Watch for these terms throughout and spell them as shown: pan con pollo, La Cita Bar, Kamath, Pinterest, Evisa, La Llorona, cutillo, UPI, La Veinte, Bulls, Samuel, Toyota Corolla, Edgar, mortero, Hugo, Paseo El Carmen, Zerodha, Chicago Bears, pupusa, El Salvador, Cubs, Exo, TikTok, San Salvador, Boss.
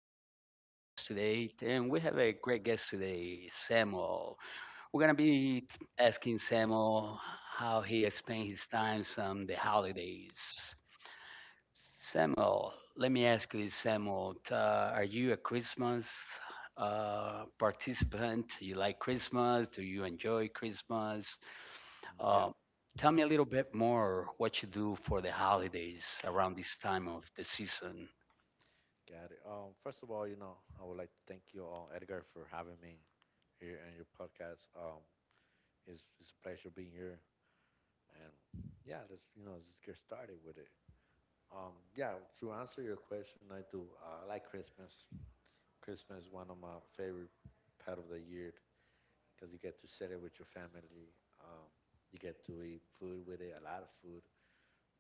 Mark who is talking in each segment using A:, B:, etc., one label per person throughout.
A: I'm going to be your host today, and we have a great guest today, Samuel. We're going to be asking Samuel how he spends his time on the holidays. Samuel, let me ask you this, Samuel. Are you a Christmas participant? You like Christmas? Do you enjoy Christmas?
B: Yeah,
A: Um, tell me a little bit more what you do for the holidays around this time of the season.
B: got it. First of all, I would like to thank you, all, Edgar, for having me here on your podcast. It's a pleasure being here, and yeah, let's just get started with it. Yeah, to answer your question, I do. I like Christmas. Christmas is one of my favorite part of the year because you get to share it with your family. Um, you get to eat food with it, a lot of food.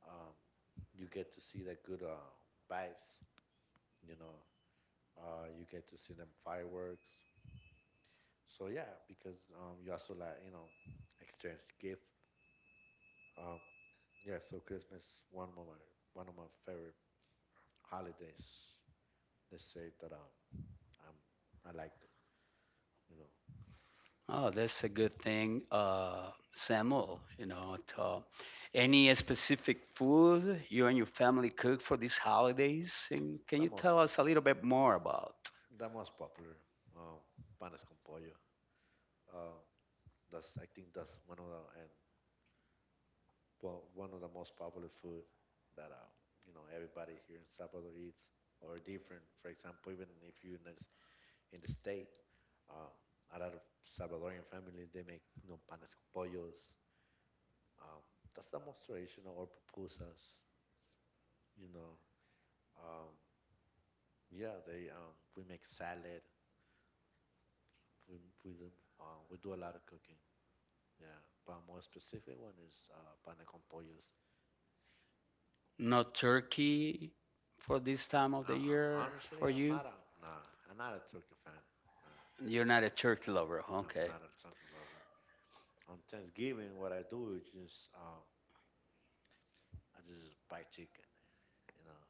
B: Um, you get to see the good vibes. You know, you get to see them fireworks. So yeah, because you also like exchange gift. Um, yeah, so Christmas one of my favorite holidays. Let's say that I'm I liked it. You know,
A: Oh, that's a good thing, Samuel. You know, any specific food you and your family cook for these holidays? And can
B: the
A: you
B: most
A: tell us a little bit more about?
B: popular um, panes con pollo. Um, that's I think that's one of one of the most popular food that everybody here in Salvador eats or different. For example, even if you not in the States. Um, a lot of Salvadorian families, they make, you know, panes con pollos. Um, that's the most traditional, or pupusas, you know. Um, yeah, we make salad. We, we do a lot of cooking. Yeah, but more specific one is pane con pollos.
A: No turkey for this time of the
B: I'm
A: year
B: honestly,
A: for
B: I'm
A: you?
B: not a nah. I'm not a turkey fan. Nah,
A: You're not a turkey lover,
B: I'm
A: okay?
B: not a turkey lover. On Thanksgiving, what I do is just I just buy chicken. You know,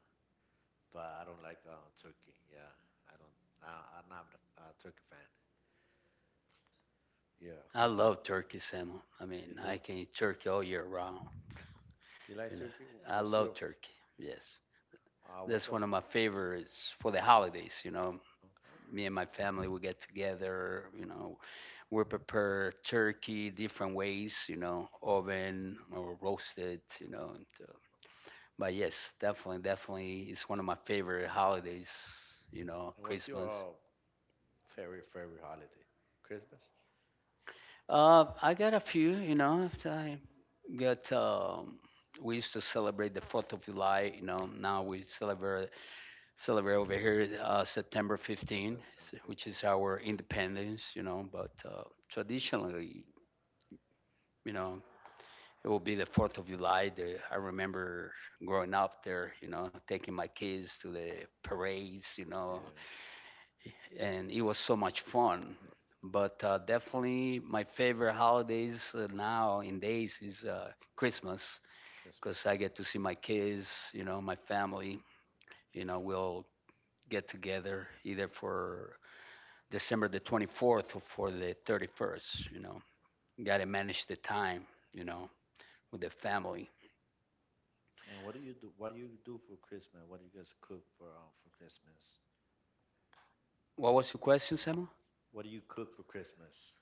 B: but I don't like turkey. Yeah, I don't. I, I'm not a, a turkey fan. Yeah,
A: I
B: what about
A: love turkey, Samuel. I
B: you?
A: mean, I
B: Do
A: can eat turkey all year round.
B: you like
A: You know,
B: turkey?
A: I
B: What's
A: love
B: your
A: turkey. Yes,
B: what's
A: that's
B: the
A: one of my favorites for the holidays. You know,
B: okay?
A: me and my family, we get together. You know, we prepare turkey different ways, you know, oven or roasted, you know. But yes, definitely, definitely, it's one of my favorite holidays, you know,
B: And what's your
A: Christmas.
B: favorite holiday? Christmas,
A: I got a few, you know, after I got, we used to celebrate the 4th of July, you know, now we celebrate over here September 15th,
B: September
A: which is
B: 15th.
A: our independence, you know, but traditionally, you know, it will be the 4th of July. The, I remember growing up there, you know, taking my kids to the parades, you know,
B: Yeah,
A: and it was so much fun. But definitely, my favorite holidays now in days is Christmas, because
B: Christmas.
A: I get to see my kids, you know, my family. You know, we'll get together either for December the 24th or for the 31st. You know, got to manage the time, you know, with the family.
B: And what do you do? What do you do for Christmas? What do you guys cook for Christmas?
A: What was your question, Sam?
B: What do you cook for Christmas?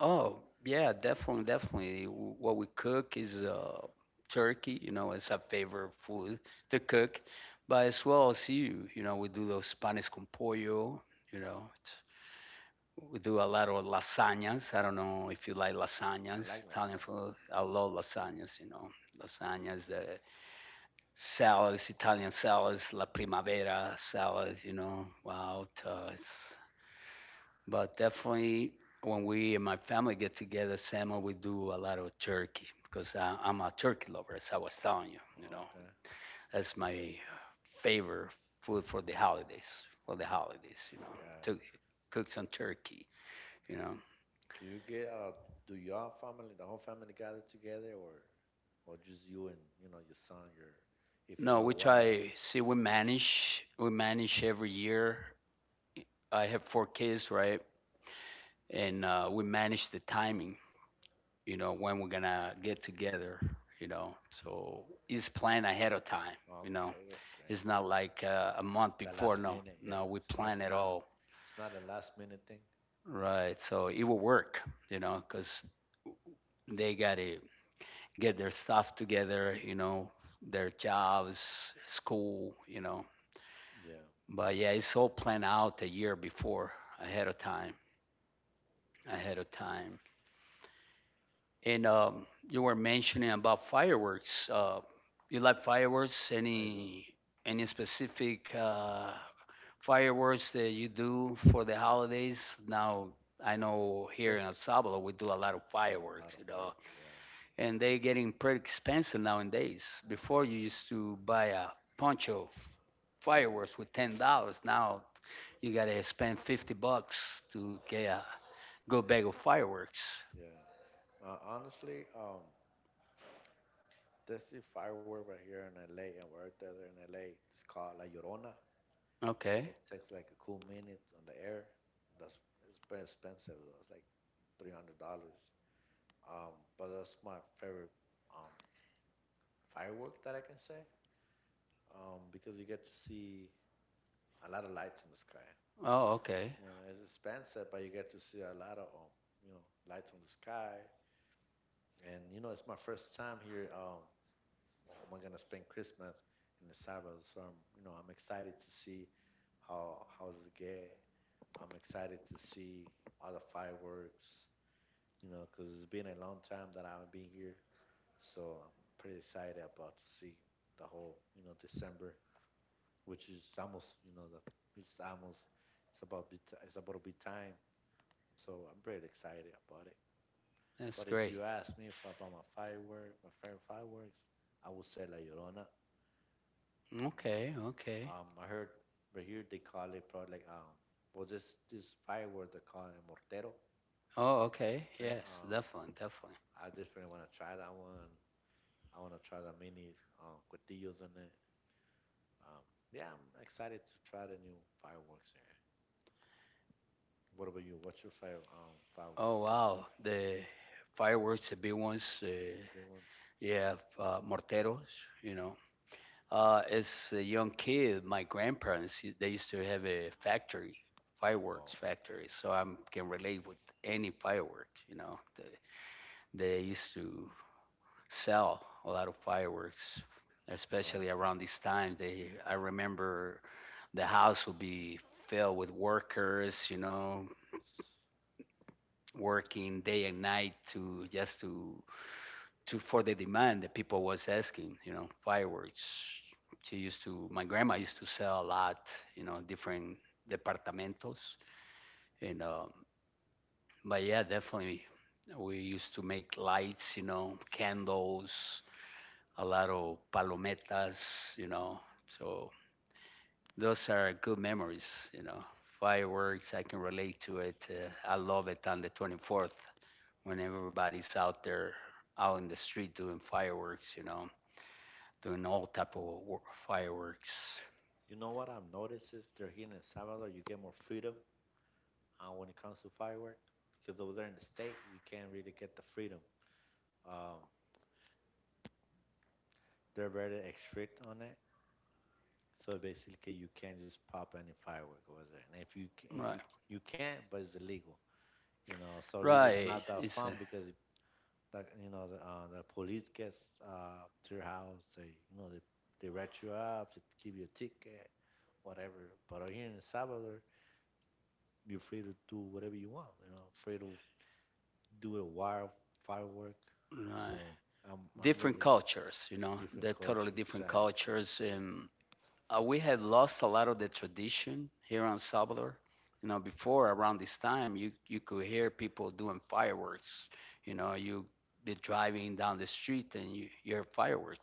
A: Oh, yeah, definitely, definitely. What we cook is turkey, you know, it's a favorite food to cook. But as well as you, you know, we do those panes con pollo, you know, it's- we do a lot of lasagnas. I don't know if you like
B: I
A: lasagnas,
B: like
A: Italian
B: lasagna.
A: food. I love lasagnas, you know, lasagnas, the salads, Italian salads, la primavera salad, you know, wow, it's but definitely, when we and my family get together, Samuel, we do a lot of turkey because I am a turkey lover, as I was telling you. You know,
B: Okay,
A: that's my favorite food for the holidays. For the holidays, you know,
B: got it.
A: to cook some turkey. You know,
B: Do you get do your family the whole family gather together or just you and you know your son, your if you
A: no,
B: have
A: we
B: a wife?
A: try. See, we manage. We manage every year. I have 4 kids, right? And we manage the timing. You know, when we're gonna get together. You know, so it's planned ahead of time. You know,
B: Okay, that's great.
A: it's not like a month
B: The
A: before.
B: last
A: No,
B: minute, yeah.
A: no, we
B: It's not
A: plan
B: it's
A: it
B: not
A: all
B: it's not a last minute thing.
A: right. So it will work, you know, because they got to get their stuff together, you know, their jobs, school, you know.
B: Yeah,
A: But
B: that's
A: yeah,
B: true.
A: it's all planned out a year before, ahead of time, ahead of time. And you were mentioning about fireworks. You like fireworks?
B: I do.
A: Any specific fireworks that you do for the holidays. Now, I know here in
B: There's
A: El Salvador we do a lot of
B: a
A: fireworks,
B: lot of
A: you know,
B: fireworks, yeah.
A: and they're getting pretty expensive nowadays. Before you used to buy a bunch of fireworks
B: Fireworks.
A: with $10. Now you gotta spend $50 to get a good bag of fireworks.
B: Yeah. Honestly, there's the firework right here in LA, and we're out there in LA. It's called La Llorona.
A: Okay.
B: It takes like a cool minute on the air. That's It's pretty expensive though. It's like $300. But that's my favorite um firework that I can say. Because you get to see a lot of lights in the sky.
A: Oh, okay.
B: You know, it's expensive, but you get to see a lot of you know, lights on the sky. And you know, it's my first time here. Well, am I gonna spend Christmas in the suburbs? So I'm excited to see how's it get. I'm excited to see all the fireworks, you know, because 'cause it's been a long time that I haven't been here. So I'm pretty excited about to see the whole, you know, December, which is almost, you know, the it's almost it's about to be time. So I'm pretty excited about it.
A: That's
B: But if
A: great.
B: you ask me if about my firework, my favorite fireworks, I would say La Llorona. Mm.
A: Okay. Okay.
B: I heard, but here they call it probably like well this firework they call it mortero,
A: Oh, okay.
B: right?
A: Yes, definitely, definitely.
B: I definitely want to try that one. I want to try the mini cutillos in it. Um, yeah, I'm excited to try the new fireworks here. What about you? What's your
A: Oh,
B: firework?
A: wow. The fireworks, the big ones,
B: The big ones?
A: yeah, morteros, you know. As a young kid, my grandparents they used to have a factory, fireworks
B: Oh, damn.
A: factory, so I can relate with any fireworks. You know, they used to sell a lot of fireworks,
B: Oh,
A: especially
B: okay.
A: around this time. They, I remember the house would be filled with workers, you know, working day and night to just to for the demand that people was asking. You know, fireworks. She used to. My grandma used to sell a lot. You know, different departamentos. And But yeah, definitely, we used to make lights. You know, candles. A lot of palometas. You know, so those are good memories. You know, fireworks. I can relate to it. I love it on the 24th when everybody's out there out in the street doing fireworks. You know, doing all type of fireworks.
B: You know what I've noticed is they're here in El Salvador, you get more freedom when it comes to firework because over there in the state you can't really get the freedom. Um, they're very strict on it, so basically you can't just pop any firework over there. And if you
A: Right,
B: you can, but it's illegal, you know. So really, it's
A: right.
B: not that
A: It's
B: fun
A: a,
B: because it, like, you know the police gets to your house. They rat you up, they give you a ticket, whatever. But out here in El Salvador, you're free to do whatever you want. You know, free to do a wire firework.
A: right.
B: So I'm
A: Different
B: really
A: cultures, you know.
B: different
A: They're totally
B: culture
A: different
B: exactly.
A: cultures, and we had lost a lot of the tradition here on Salvador. You know, before around this time, you could hear people doing fireworks. You know, you be driving down the street and you hear fireworks.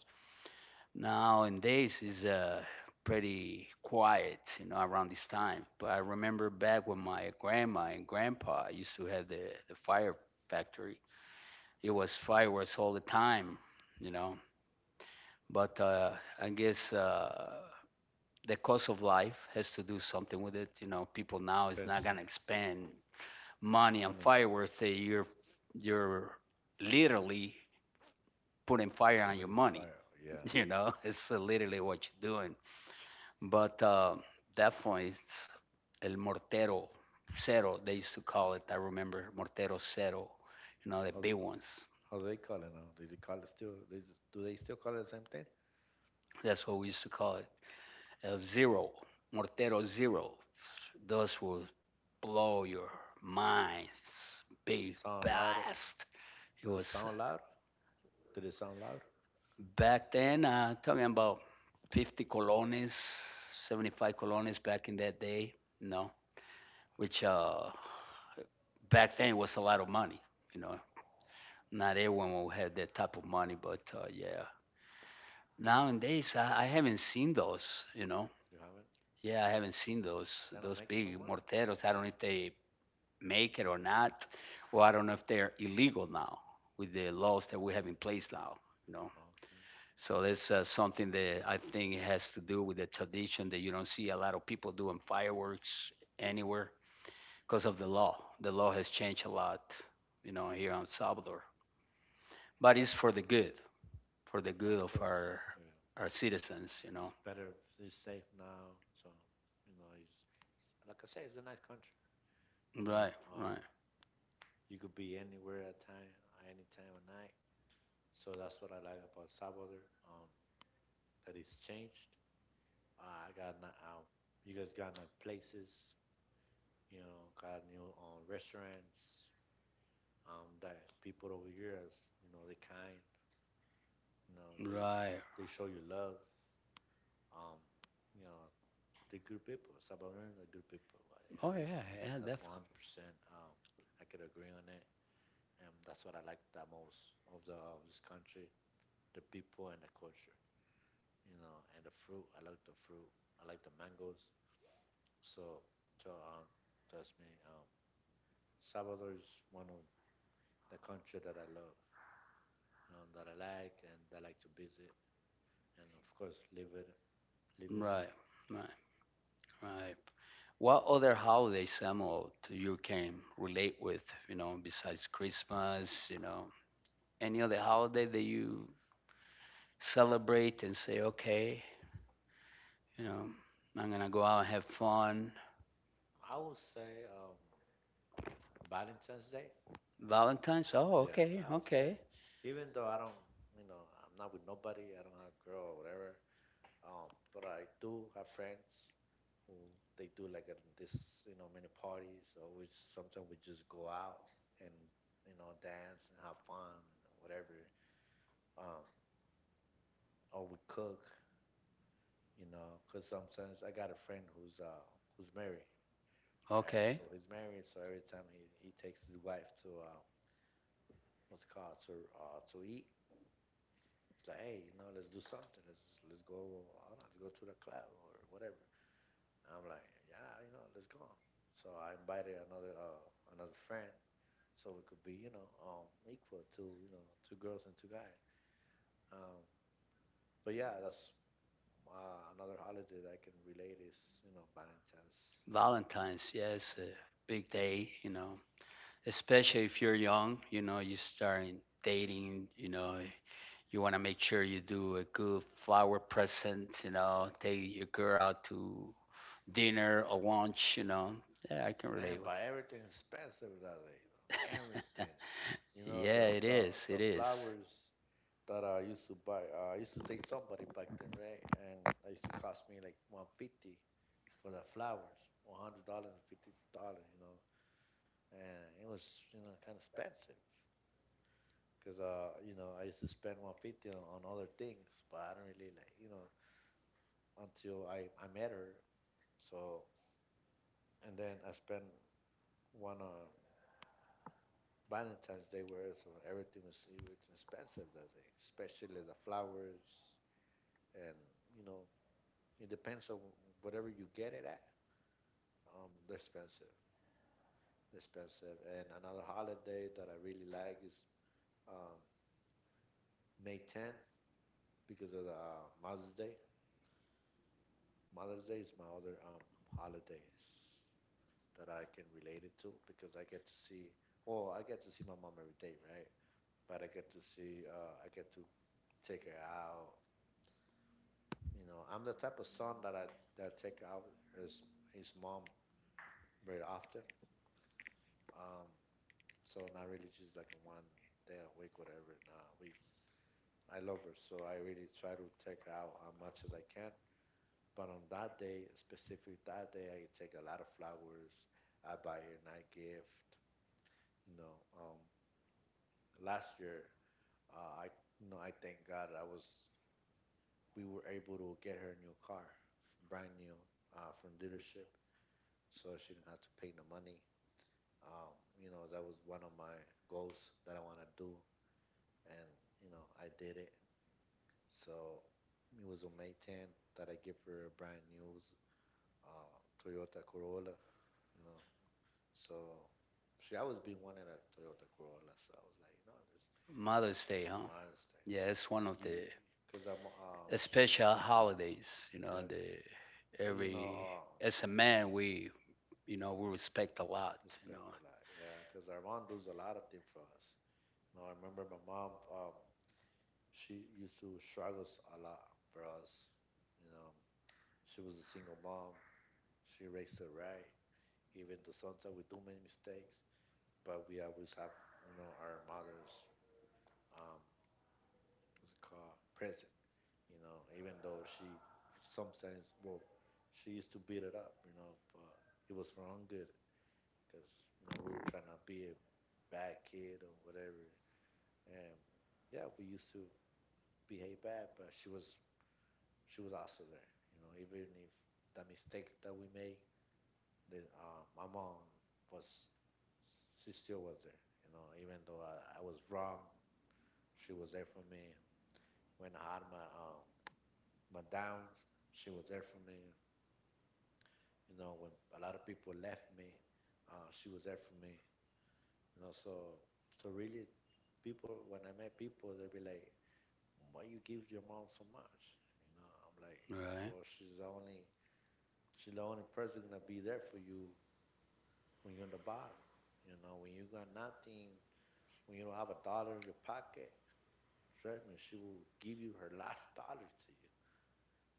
A: Nowadays is pretty quiet, you know, around this time. But I remember back when my grandma and grandpa used to have the fire factory. It was fireworks all the time, you know. But I guess the cost of life has to do something with it. You know, people now is not
B: Expensive
A: gonna spend money on
B: money
A: fireworks. They, you're literally putting fire on your
B: putting
A: money.
B: fire. Yeah.
A: You know, it's literally what you're doing. But definitely, it's El Mortero Cero, they used to call it. I remember Mortero Cero, you know, the
B: How's
A: big ones.
B: how they call it now? Do they call it still? Do they still call it the same thing?
A: That's what we used to call it. El Zero, Mortero Zero. Those will blow your minds. Big
B: Sound loud?
A: blast. It
B: Does it
A: was
B: sound loud? Did it sound loud?
A: back then, talking about 50 colones, 75 colones back in that day, you know, which back then was a lot of money, you know, not everyone will have that type of money, but yeah. Nowadays, I haven't seen those, you know.
B: You haven't?
A: Yeah, I haven't seen those
B: They don't
A: those
B: make it
A: big
B: no more.
A: morteros. I don't know if they make it or not, or I don't know if they're illegal now with the laws that we have in place now, you know.
B: Okay.
A: So that's something that I think has to do with the tradition that you don't see a lot of people doing fireworks anywhere because of the law. The law has changed a lot, you know, here in Salvador, but it's for the good, for the good
B: Of
A: of
B: course.
A: our
B: Yeah.
A: our citizens, you know.
B: It's better. It's safe now. So you know, it's like I say, it's a nice country. You know,
A: Right, right,
B: you could be anywhere at time, any time of night. So that's what I like about Salvador. That it's changed. I got n you guys got new places. You know, got new restaurants. That people over here, is, you know, they kind. You know,
A: right.
B: they show you love. Um, you know, the good people. Salvadorians are good people. But yeah,
A: Oh yeah, yeah,
B: that's
A: definitely.
B: 100%. Um, I could agree on it, and that's what I like the most of the of this country, the people and the culture, you know, and the fruit. I like the fruit. I like the mangoes. So, so that's me. Salvador is one of the country that I love, that I like, and that I like to visit, and of course, live it, live in it.
A: Right, right, right. What other holiday, Samuel, do you can relate with, you know, besides Christmas, you know, any other holiday that you celebrate and say, okay, you know, I'm gonna go out and have fun.
B: I would say Valentine's Day.
A: Valentine's? Oh,
B: Yeah,
A: okay,
B: I would say,
A: okay,
B: even though I don't, you know, I'm not with nobody, I don't have a girl or whatever, but I do have friends who they do like a, this, you know, many parties. Or we sometimes we just go out and you know dance and have fun, whatever. Um, or we cook, you know, because sometimes I got a friend who's married, right?
A: okay.
B: So he's married, so every time he takes his wife to what's it called to eat. It's like, hey, you know, let's do something. Let's go. I don't know, let's go to the club or whatever. I'm like, yeah, you know, let's go. So I invited another friend, so it could be equal to you know two girls and two guys. Um, but yeah, that's another holiday that I can relate is Valentine's.
A: Valentine's, yes, a big day, you know. Especially if you're young, you know, you start dating, you know, you want to make sure you do a good flower present, you know,
B: Yeah.
A: take your girl out to dinner or lunch, you know. Yeah, I can
B: Man,
A: relate with
B: but everything's expensive that day. You know,
A: that.
B: everything. You know
A: Yeah,
B: the
A: it
B: the
A: is. It
B: the
A: is.
B: flowers that I used to buy. I used to date somebody back then, right? And it used to cost me like 150 for the flowers, $100 and $50, you know. And it was, you know, kind of expensive because, you know, I used to spend 150 on other things, but I don't really like, you know, until I met her. So and then I spent one on Valentine's Day where so everything was it was expensive that day, especially the flowers, and you know it depends on whatever you get it at. They're expensive, expensive. And another holiday that I really like is um, May 10 because of the Mother's Day. Mother's Day is my other holiday that I can relate it to because I get to see. Well, I get to see my mom every day, right? But I get to see. I get to take her out. You know, I'm the type of son that I that take out his his mom very often. Um, so not really just like in one day a week, whatever. Nah, we I love her, so I really try to take her out as much as I can. But on that day, specifically that day, I take a lot of flowers. I buy her a nice gift. You know, last year, I you know I thank God I was we were able to get her a new car, brand new, from dealership, so she didn't have to pay the money. You know, that was one of my goals that I want to do, and you know, I did it. So it was a May 10 that I give her a brand new Toyota Corolla, you know. So she always been wanting a Toyota Corolla. So I was like, you know, this
A: Mother's Day, huh?
B: monster, you
A: Yeah,
B: know,
A: it's one of
B: you
A: the
B: because I'm
A: special holidays, you know,
B: yep,
A: the
B: because you know
A: every as a man we respect a lot, you
B: respect
A: know.
B: a lot, yeah, because our mom does a lot of things for us. No, I remember my mom she used to struggles a lot for us, you know. She was a single mom. She raised us right, even though sometimes we do make mistakes, but we always have, our mother's, um, what's it called, present. Even though she sometimes, well, she used to beat it up, but it was for our own good because, we were trying to be a bad kid or whatever. And yeah, we used to behave bad, but she was also there, even if the mistakes that we made, that my mom was she still was there. Even though I was wrong, she was there for me. When I had my downs, she was there for me. When a lot of people left me, she was there for me. You know, so so really, people when I met people, they'd be like, "Why you give your mom so much?" I'm like,
A: Right.
B: "Well, she's the only person gonna be there for you when you're in the bottom. When you got nothing, when you don't have a dollar in your pocket, trust me, she will give you her last dollar to you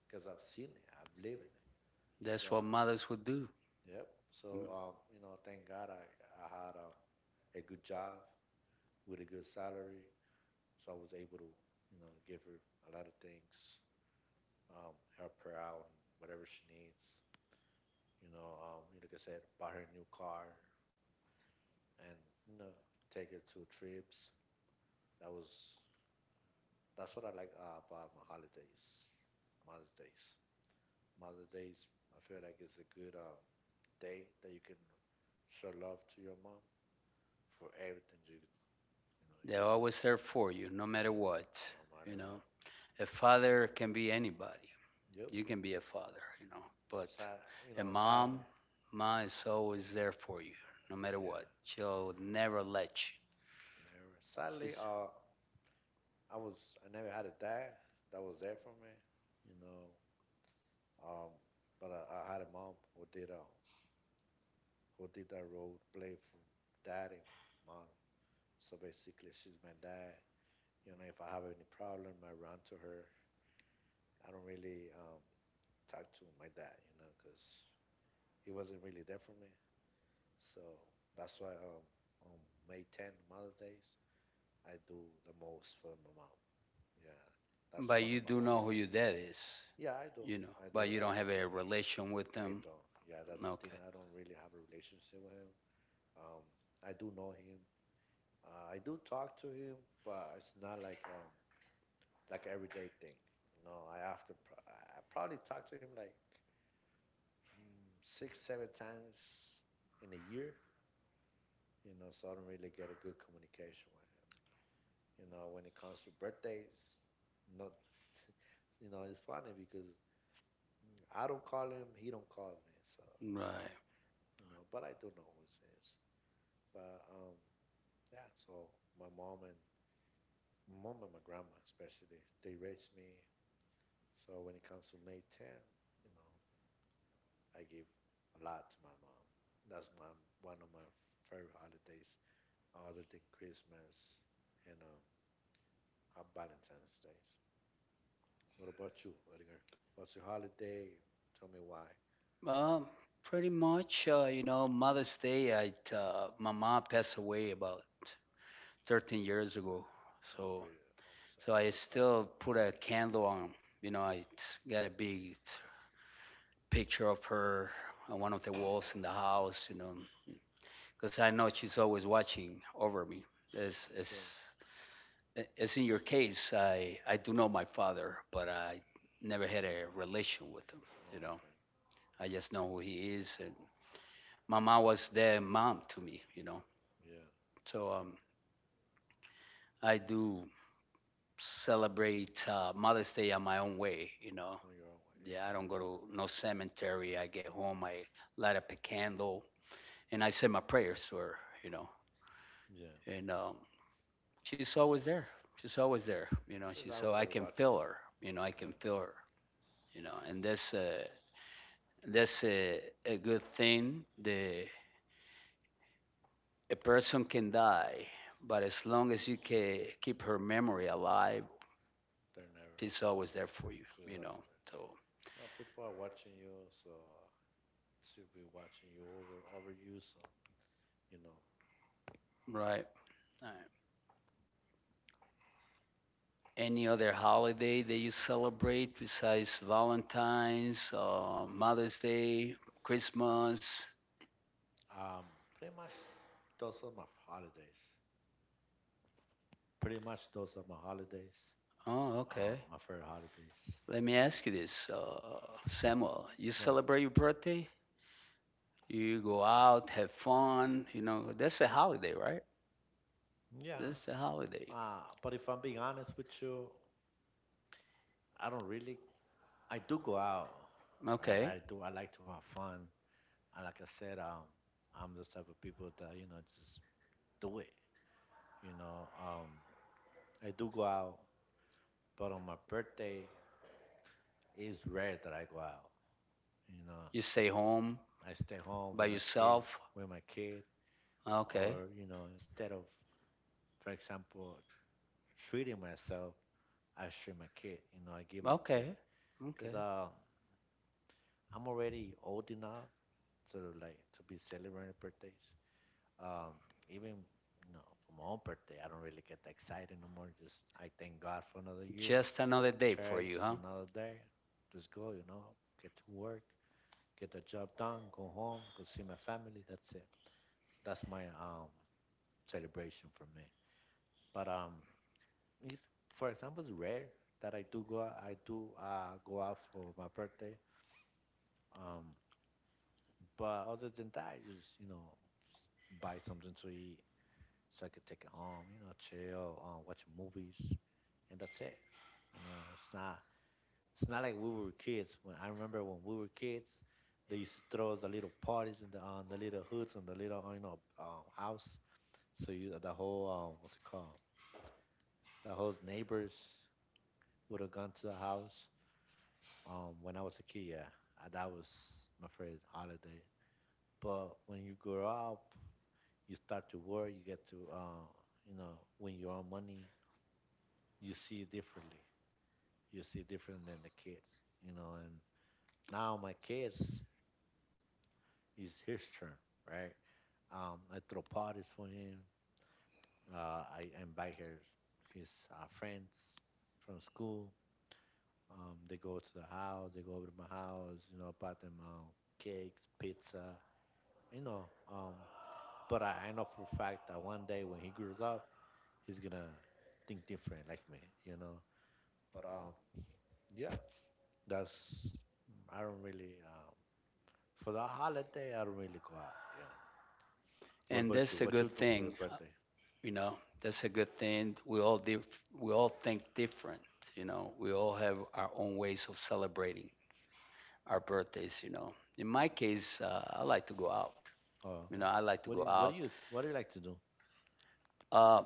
B: because I've seen it, I've lived in it. So,
A: That's what mothers would do.
B: yep.
A: Mm.
B: So, thank God I had a good job with a good salary. So I was able to, give her a lot of things, help her out and whatever she needs. Like I said, bought her a new car and, you know, take her to trips. That was, that's what I like about my holidays, Mother's Days. Mother's Day's I feel like it's a good day that you can show love to your mom for everything you
A: They're
B: just
A: always there for you, no matter
B: did,
A: what.
B: no
A: You
B: matter what.
A: know, a father can be anybody.
B: Yep.
A: You can be a father, you know, but
B: Sad,
A: a
B: sadly,
A: mom, mom is always there for you, no matter
B: yeah,
A: what. She'll never let
B: never.
A: you.
B: Sadly,
A: She's,
B: I was I never had a dad that was there for me, you know. Um, but I had a mom who did that role play from dad and mom. So basically, she's my dad. If I have any problem, I run to her. I don't really talk to my dad, because he wasn't really there for me. So that's why on May 10, Mother's Day, I do the most for my mom. Yeah, that's
A: but
B: one
A: you
B: of my
A: do know who your
B: holidays.
A: dad is,
B: Yeah, I do.
A: you know,
B: I
A: but
B: do.
A: you don't have a relation with
B: I
A: them.
B: don't. Yeah, that's the thing.
A: Okay,
B: I don't really have a relationship with him. Um, I do know him. I do talk to him, but it's not like like everyday thing. I often I probably talk to him like six, seven times in a year. So I don't really get a good communication with him. When it comes to birthdays, not, it's funny because I don't call him, he don't call me. So
A: right.
B: you know, but I do know who it is. But yeah. So my mom and my mom and my grandma especially, they raised me. So when it comes to May 10, you know, I give a lot to my mom. That's my one of my favorite holidays, other than Christmas and Valentine's Days. What about you, Edgar? What's your holiday? Tell me why.
A: Um, pretty much, you know, Mother's Day, my mom passed away about 13 years ago.
B: Oh, I'm
A: So
B: really,
A: so
B: I'm
A: I
B: so sorry
A: still
B: about that.
A: put a candle on. You know, I got a big picture of her on one of the walls in the house. You know, because I know she's always watching over me. As
B: Yes,
A: as
B: sir.
A: as in your case, I do know my father, but I never had a relation with him. You
B: Oh,
A: know,
B: okay.
A: I just know who he is, and my mom was their mom to me. You know,
B: Yeah,
A: so I do celebrate Mother's Day on my own way. You know,
B: on your own way,
A: yeah, I don't go
B: exactly.
A: to no cemetery. I get home, I light up a candle, and I say my prayers to her, you know.
B: Yeah.
A: And she's always there. She's always there, you know.
B: Since
A: She's
B: I was
A: so I
B: there
A: can
B: watching
A: feel
B: you.
A: her, you know. I
B: Yeah,
A: can feel her, you know. And that's a good thing. The a person can die, but as long as you can keep her memory alive,
B: they're never.
A: she's always there for you,
B: Since
A: you
B: I was
A: know.
B: there.
A: So
B: Now people are watching you, so should be watching you over you. So you know,
A: right. All right. Any other holiday that you celebrate besides Valentine's, Mother's Day, Christmas?
B: um, pretty much those are my holidays. Pretty much those are my holidays.
A: Oh,
B: Um,
A: okay.
B: my favorite holidays.
A: Let me ask you this, Samuel. You
B: Go ahead.
A: celebrate your birthday? You go out, have fun. You know, that's a holiday, right?
B: Yeah.
A: That's a holiday.
B: But if I'm being honest with you, I don't really. I do go out, right?
A: Okay.
B: I do. I like to have fun. And like I said, I'm those type of people that just do it. You know, um, I do go out, but on my birthday, it's rare that I go out. You know,
A: You stay home
B: I stay home
A: by
B: with my kid,
A: yourself.
B: with my kid,
A: Okay.
B: or instead of, for example, treating myself, I treat my kid. I give my kid,
A: Okay.
B: cause
A: Okay.
B: I'm already old enough to like to be celebrating birthdays. Um, even for my own birthday, I don't really get that excited no more. Just I thank God for another year.
A: Just another day for
B: Church,
A: you, huh?
B: another day. Just go, get to work, get the job done, go home, go see my family. That's it. That's my celebration for me. But it's, for example, it's rare that I do go. I do go out for my birthday. Um, but other than that, I just buy something to eat so I could take it home. Chill, watch movies, and that's it. It's not. It's not like we were kids. When I remember when we were kids, they used to throw us the little parties in the on the little hoods and the little house. So you, the whole what's it called? The whole neighbors would have gone to the house. When I was a kid, yeah, that was my favorite holiday. But when you grow up, you start to work. You get to, win your own money. You see it differently. You see it different than the kids, And now my kids is his turn, right? I throw parties for him. I invite her, his friends from school. They go to the house, they go over to my house, buy them cakes, pizza, you know. Um, but I know for a fact that one day when he grows up, he's gonna think different like me, you know. But yeah, that's I don't really for the holiday I don't really go out. Yeah. What
A: And
B: about you?
A: that's a
B: What you
A: good
B: do for your
A: thing.
B: birthday?
A: You know, that's a good thing. We all we all think different, you know. We all have our own ways of celebrating our birthdays, you know. In my case, I like to go out,
B: Oh,
A: you
B: okay.
A: know. I like to
B: What do
A: go
B: you What do
A: out.
B: you What do you like to do?
A: uh,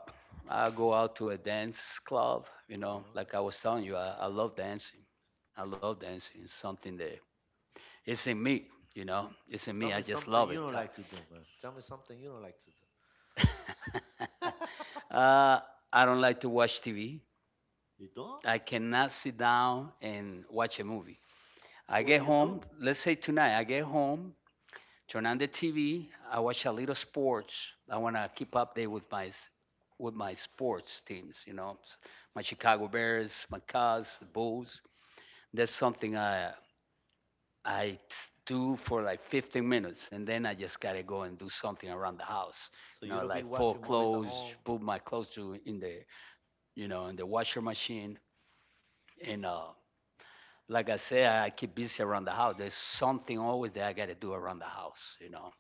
A: I go out to a dance club, you know,
B: Oh,
A: like
B: okay.
A: I was telling you. I love dancing. I love dancing. It's something that it's in me, you know. It's in
B: Tell
A: me. I
B: me
A: just
B: something
A: love it.
B: you don't like to do, man. Tell me something you don't like to do.
A: uh, I don't like to watch TV.
B: You don't?
A: I cannot sit down and watch a movie. I
B: So what
A: get
B: do you
A: home,
B: do?
A: let's say tonight, I get home, turn on the TV, I watch a little sports. I want to keep update with my sports teams, you know, my Chicago Bears, my Cubs, the Bulls. That's something I do for like 15 minutes, and then I just gotta go and do something around the house,
B: So
A: you
B: you
A: know,
B: don't be
A: like
B: watching
A: fold
B: movies at
A: clothes,
B: home?
A: put my clothes to in the in the washer machine. And like I say, I keep busy around the house. There's something always that I got to do around the house, you know.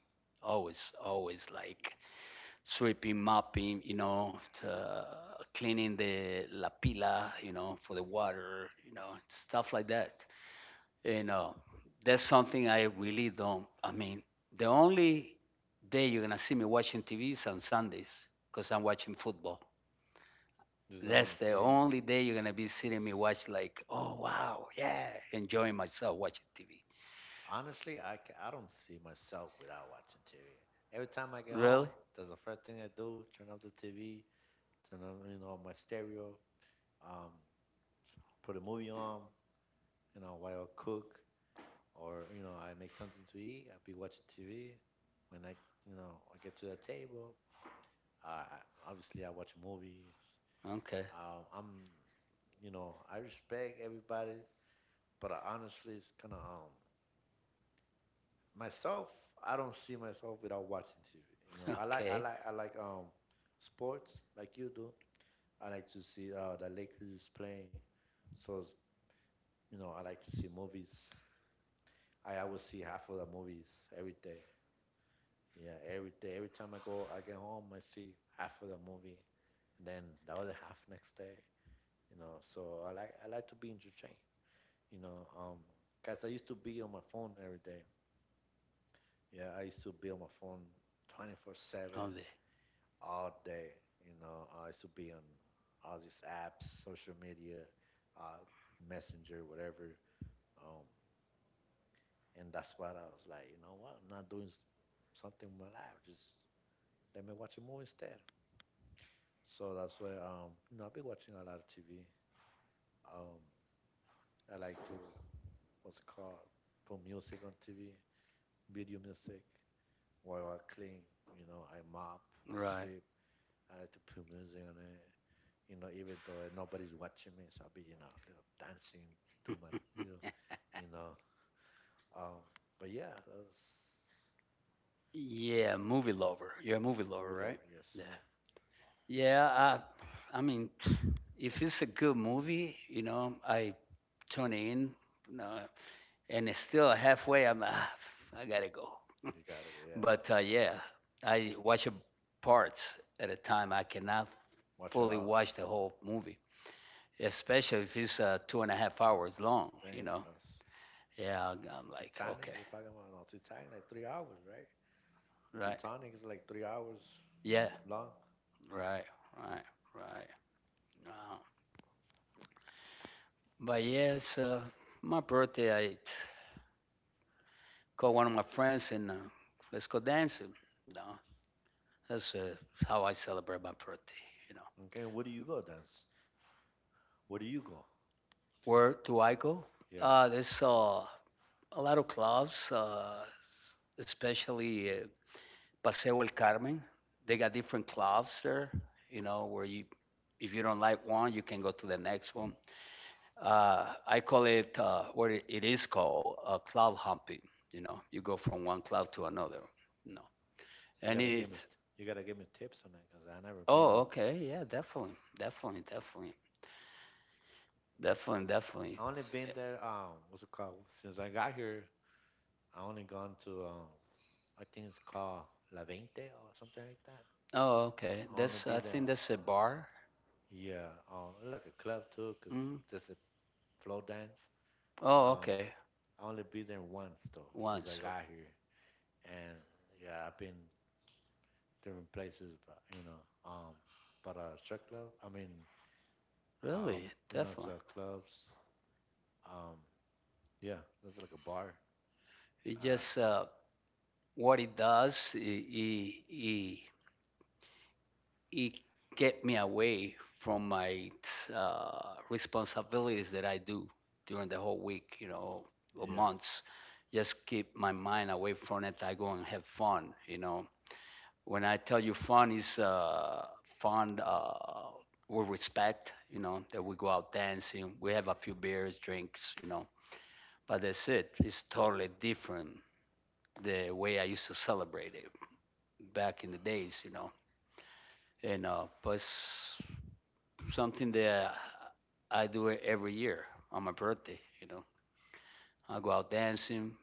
A: Always, always, like sweeping, mopping, you know, cleaning the la pila, you know, for the water, you know, stuff like that. You know, that's something I really don't. I mean, the only day you're gonna see me watching TV is on Sundays, because I'm watching football.
B: Just the
A: That's
B: only
A: the
B: thing.
A: only day you're gonna be seeing me watch, like, oh wow, yeah, enjoying myself watching TV.
B: Honestly, I don't see myself without watching TV. Every time I get
A: Really?
B: home, that's the first thing I do: turn off the TV, turn on my stereo, um, put a movie on, while I cook, or I make something to eat. I'll be watching TV. When I you know I get to that table, obviously I watch movies.
A: Okay.
B: I'm you know I respect everybody, but I honestly it's kind of myself. I don't see myself without watching TV. You know I like I
A: Okay.
B: like I like sports like you do. I like to see the Lakers playing. So I like to see movies. I will see half of the movies every day. Yeah, every day, every time I go, I get home, I see half of the movie, and then the other half next day. So I like to be entertained. You know, um, cause I used to be on my phone every day. Yeah, I used to be on my phone 24/7
A: Only.
B: all day. I used to be on all these apps, social media, uh, messenger, whatever. Um, and that's what I was like, you know what? I'm not doing something with my life. Just let me watch a movie instead. So that's why I've been watching a lot of TV. Um I like to, what's it called, put music on TV, video music. While I clean, I mop, I
A: Right.
B: sweep, I like to put music on it. Even though nobody's watching me, so I'll be, dancing to my you know, you know. Um but yeah, that's
A: Yeah, movie lover. You're a movie lover,
B: movie lore,
A: right?
B: yes
A: Yeah.
B: sir.
A: Yeah. I mean, if it's a good movie, you know, I tune in, you know, and it's still halfway, I'm, ah, I gotta go.
B: You gotta, yeah.
A: But yeah, I watch a parts at a time. I cannot
B: Watch it
A: fully
B: all.
A: watch the whole movie, especially if it's two and a half hours long. You
B: Damn,
A: know.
B: that's
A: Yeah. I'm like,
B: Titanic
A: okay,
B: you're talking about, no? Titanic like 3 hours, right?
A: right.
B: Titanic is like 3 hours
A: Yeah.
B: long.
A: Right, right, right. Uh, but yes, my birthday, I call one of my friends and let's go dancing. No, that's how I celebrate my birthday. You know,
B: Okay, where do you go, Dance? Where do you go?
A: where do I go?
B: Yeah,
A: There's a lot of clubs, especially Paseo El Carmen. They got different clubs there. You know, where you, if you don't like one, you can go to the next one. I call it what it is called, cloud humping. You know, you go from one cloud to another. You know,
B: you
A: and
B: gotta give me,
A: it's
B: you gotta give me tips on it, cause I never been
A: oh
B: on there.
A: okay, yeah, definitely, definitely, definitely, definitely, definitely.
B: I only been there. What's it called? Since I got here, I only gone to I think it's called La Veinte or something like that.
A: Oh okay,
B: I wanna
A: that's,
B: be
A: I think
B: there.
A: that's a bar.
B: Yeah, it's like a club too, cause
A: Mm.
B: just a flow dance.
A: Oh
B: Um,
A: okay,
B: I only been there once though since I
A: once. So
B: got here, and yeah, I've been different places, but um, strip club. I mean, uh,
A: really,
B: it's
A: definitely.
B: clubs. Um, yeah, there's like a bar.
A: It
B: Uh,
A: just what it does. It kept me away from my responsibilities that I do during the whole week, you know, or
B: yeah,
A: months. Just keep my mind away from it. I go and have fun, you know. When I tell you fun is fun with respect, you know, that we go out dancing, we have a few beers, drinks, you know. But that's it. It's totally different the way I used to celebrate it back in the days, you know. And but it's something that I do it every year on my birthday. You know, I go out dancing.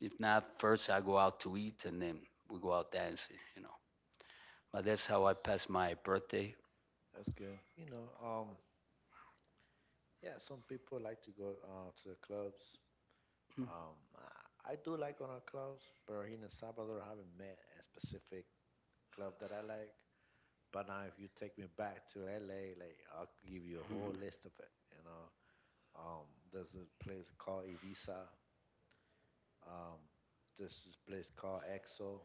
A: If not, first I go out to eat, and then we go out dancing. You know, but that's how I
B: that's,
A: pass my birthday.
B: that's good. Yeah, some people like to go to the clubs. Um, I I do like going to clubs, but here in El Salvador, I haven't met a specific club that I like. But now, if you take me back to LA, like I'll give you a
A: Mhm.
B: whole list of it. Um, there's a place called Evisa. Um, there's this place called Exo.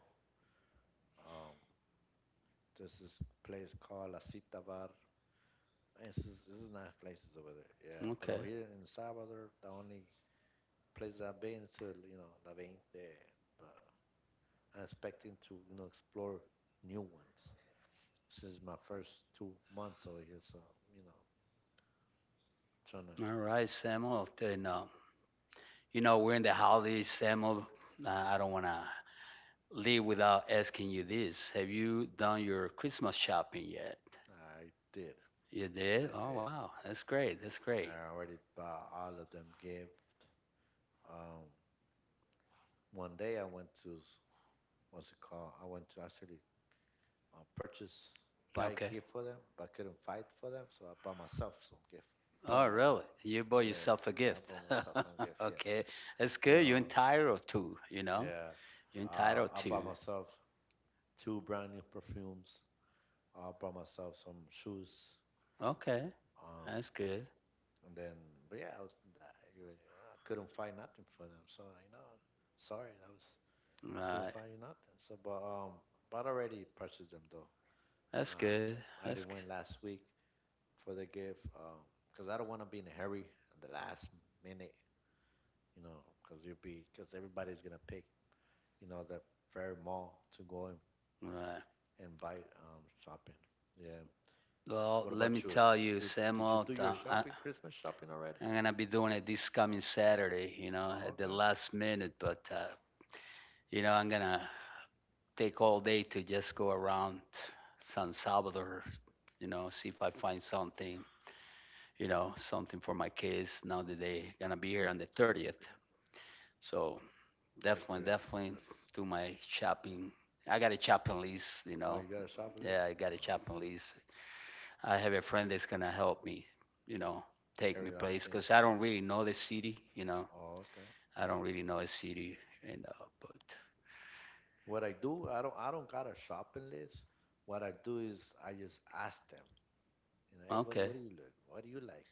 B: Um, there's this place called La Cita Bar. And it's just, this is nice places over there. Yeah, but
A: Okay,
B: over here in Salvador, the only place I've been to, La 20. But I'm expecting to, explore new ones since my first 2 months over here. So, you know, trying to.
A: all right, Samuel. Then you know we're in the holidays, Samuel. I don't want to leave without asking you this: have you done your Christmas shopping yet?
B: I did.
A: You did?
B: I
A: Oh
B: did.
A: wow, that's great. That's great.
B: I already bought all of them gifts. Um, One day I went to what's it called? I went to actually uh, purchase, buy a
A: Okay.
B: gift for them, but I couldn't fight for them, so I bought myself some gift for
A: Oh, really?
B: myself.
A: You bought yourself a
B: Yeah, I
A: gift.
B: bought myself some gift here.
A: Okay. That's
B: You
A: good. You're
B: know,
A: entitled to, you know?
B: yeah.
A: You're entitled
B: I
A: to.
B: bought myself two brand new perfumes. I bought myself some shoes.
A: Okay.
B: Um,
A: That's good.
B: and then, but yeah, I was that. I couldn't find nothing for them, so sorry, I was. Couldn't
A: Right.
B: find you nothing. So, but I already purchased them though.
A: That's
B: Um,
A: good.
B: I already
A: That's good.
B: went last week for the gift. Cause I don't want to be in a hurry at the last minute, cause everybody's gonna pick, the very mall to go and,
A: Right.
B: and buy shopping. Yeah.
A: Well,
B: What
A: let me
B: about you?
A: tell you,
B: Did you
A: Samuel,
B: do your
A: i,
B: Christmas shopping already?
A: I'm going to be doing it this coming Saturday, you know,
B: Oh,
A: at the
B: okay.
A: last minute, but you know, I'm going to take all day to just go around San Salvador, you know, see if I find something, you know, something for my kids now
B: From
A: that
B: thing.
A: they going to be here
B: They,
A: on the
B: they can
A: 30th.
B: pick.
A: So
B: That's
A: definitely,
B: good.
A: definitely
B: That's.
A: do my shopping. I got a shopping list, you
B: Oh,
A: know.
B: you got a shop list?
A: Yeah, I got
B: Oh,
A: a shopping
B: okay.
A: list. I have a friend that's gonna help me, you know, take me
B: Carry out
A: place because
B: things.
A: I don't really know the city, you know.
B: Oh, okay.
A: I don't really know a city. And but
B: What I do, I don't got a shopping list. What I do is I just ask them, hey, what,
A: okay,
B: what do you look? What do you like?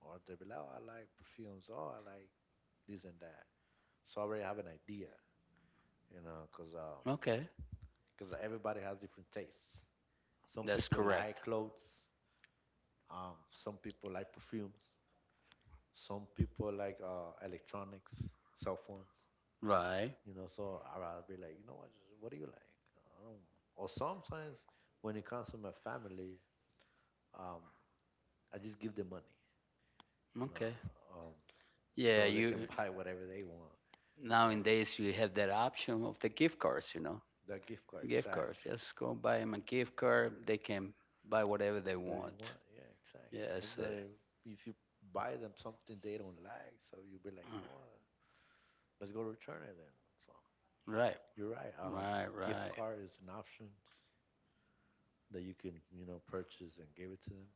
B: Or they will be like, oh, I like perfumes. Oh, I like this and that. So I already have an idea, you know, cause um,
A: okay,
B: cause everybody has different tastes. Some
A: that's
B: people like
A: correct,
B: clothes. Um, some people like perfumes. Some people like electronics, cell phones.
A: right?
B: So I'll be like, you know what, what do you like? I don't. Or sometimes when it comes to my family, um I just give them money, you know
A: Okay,
B: um
A: yeah.
B: so they can
A: You
B: buy whatever they want, that way.
A: nowadays you have that option of the gift cards, you know,
B: That gift card,
A: gift cards.
B: exactly.
A: Just go buy them a gift card. They can buy whatever they
B: There you
A: want.
B: want, yeah, exactly,
A: Yes.
B: because if you buy them something they don't like, so you'll be like, you know what, let's go return it, then so
A: Right,
B: you're right.
A: right,
B: Gift
A: right,
B: card is an option that you can purchase and give it to them.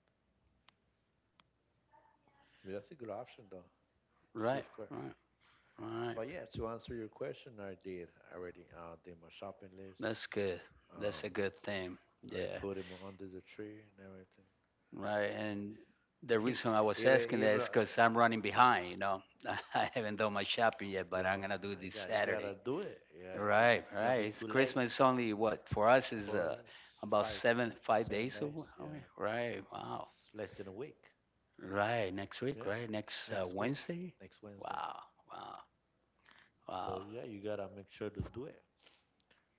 B: I mean, that's a good option though,
A: right,
B: gift card.
A: right, right.
B: But yeah, to answer your question, I did. I already did my shopping list.
A: That's good.
B: Um,
A: That's a good thing.
B: I already
A: Yeah,
B: put him under the tree and everything.
A: right. And the reason I was
B: even
A: asking that
B: even
A: is
B: uh,
A: because I'm running behind, you know. I haven't done my shopping yet,
B: you
A: but
B: know,
A: I'm gonna do it
B: like, you
A: this
B: got you
A: Saturday.
B: gotta do it. Yeah, 'cause
A: Right,
B: it's gonna
A: right.
B: be
A: It's
B: too late
A: Christmas only, what, for us is
B: for
A: uh, about
B: 5,
A: seven, five
B: seven
A: days
B: days. Yeah,
A: away. Right. Wow.
B: it's less than a week.
A: Right. Next week.
B: Yeah,
A: Right.
B: it's
A: Next
B: next week,
A: Wednesday.
B: next Wednesday.
A: Wow. Wow.
B: So
A: Wow.
B: yeah, you gotta make sure to do it.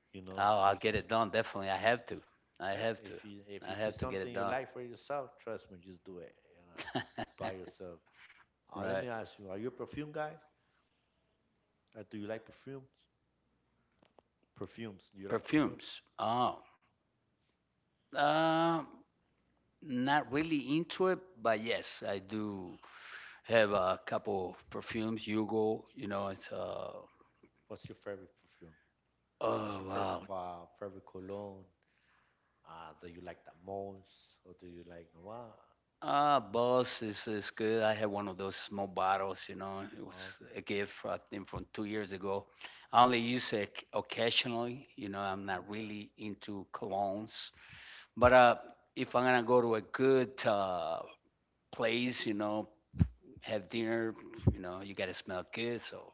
A: Oh, I'll
B: 'Cause
A: get it done. Definitely, I have to. I
B: yep,
A: have to.
B: if you if
A: I
B: you see
A: have to get it
B: something you
A: done.
B: like for yourself, trust me, just do it. By yourself. Let me
A: Right.
B: ask you, are you a perfume guy? Or do you like perfumes? Perfumes. Do you like perfumes?
A: Perfumes. Oh, uh, not really into it, but yes, I do have a couple of perfumes. Hugo, you know, it's
B: What's your favorite perfume? What's
A: oh
B: your
A: wow.
B: favorite cologne? Do you like the most? Or do you like no one?
A: Ah, Boss is good. I had one of those small bottles, you know. It was
B: Oh, okay.
A: a gift, I think, from 2 years ago. I only use it occasionally. You know, I'm not
B: Okay.
A: really into colognes. But if I'm gonna go to a good place, you know, have dinner, you know, you gotta smell good, so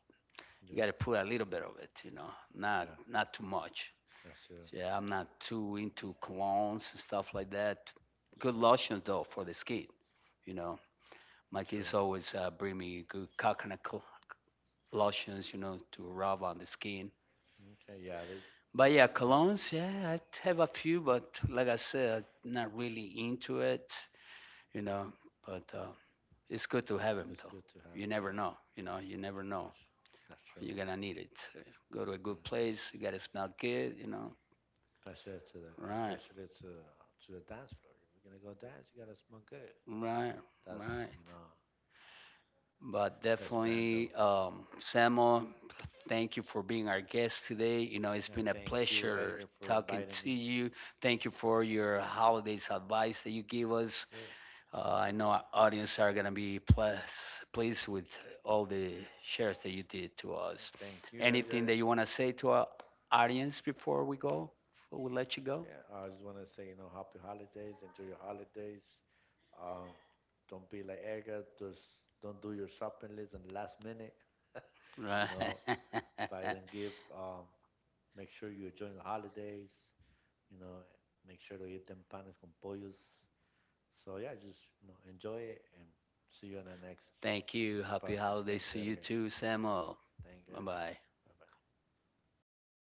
A: you
B: Yep.
A: gotta put a little bit of it, you know, not
B: Yeah.
A: not too much.
B: That's true.
A: So, yeah, I'm not too into colognes and stuff like that. Good lotions though for the skin, you know. My kids
B: True.
A: always bring me good coconut lotions, you know, to rub on the skin.
B: Okay. Yeah. They.
A: But
B: It's,
A: yeah,
B: it's,
A: colognes, yeah, I have a few, but like I said, not really into it, you know. But it's good to have them
B: it's
A: though.
B: good to have.
A: You never
B: Yeah.
A: know, you know, you never know.
B: That's, that's true.
A: You're gonna need it. So go to a good
B: That's.
A: place, you gotta smell good, you know.
B: Pressure to the,
A: Right,
B: especially to the dance floor. If you're gonna go dance, you gotta smell good.
A: right,
B: That's
A: right.
B: you know,
A: But
B: that's random.
A: definitely, Samo, thank you for being our guest today. You know, it's
B: Yeah,
A: been a
B: thank you,
A: pleasure
B: Edgar, for
A: talking
B: inviting
A: to
B: me.
A: you. Thank you for your holidays advice that you give us.
B: Yeah,
A: I know our audience are gonna be pleased with all the shares that you did to
B: yeah,
A: us.
B: thank you,
A: Anything
B: Edgar.
A: that you wanna say to our audience before we go? Before we let you go?
B: Yeah, I just want to say, happy holidays. Enjoy your holidays. Um, don't be like Edgar. Just don't do your shopping list in the last minute. You
A: Right.
B: know, Buy them gift. Make sure you enjoy the holidays. You know, Make sure to eat them panes con pollos. So yeah, just enjoy it and see you on the next
A: Thank you. Happy
B: podcast. Thank
A: holidays
B: you,
A: to you
B: Edgar.
A: too, Samuel.
B: Thank you,
A: Bye
B: Edgar.
A: bye.
B: Bye bye.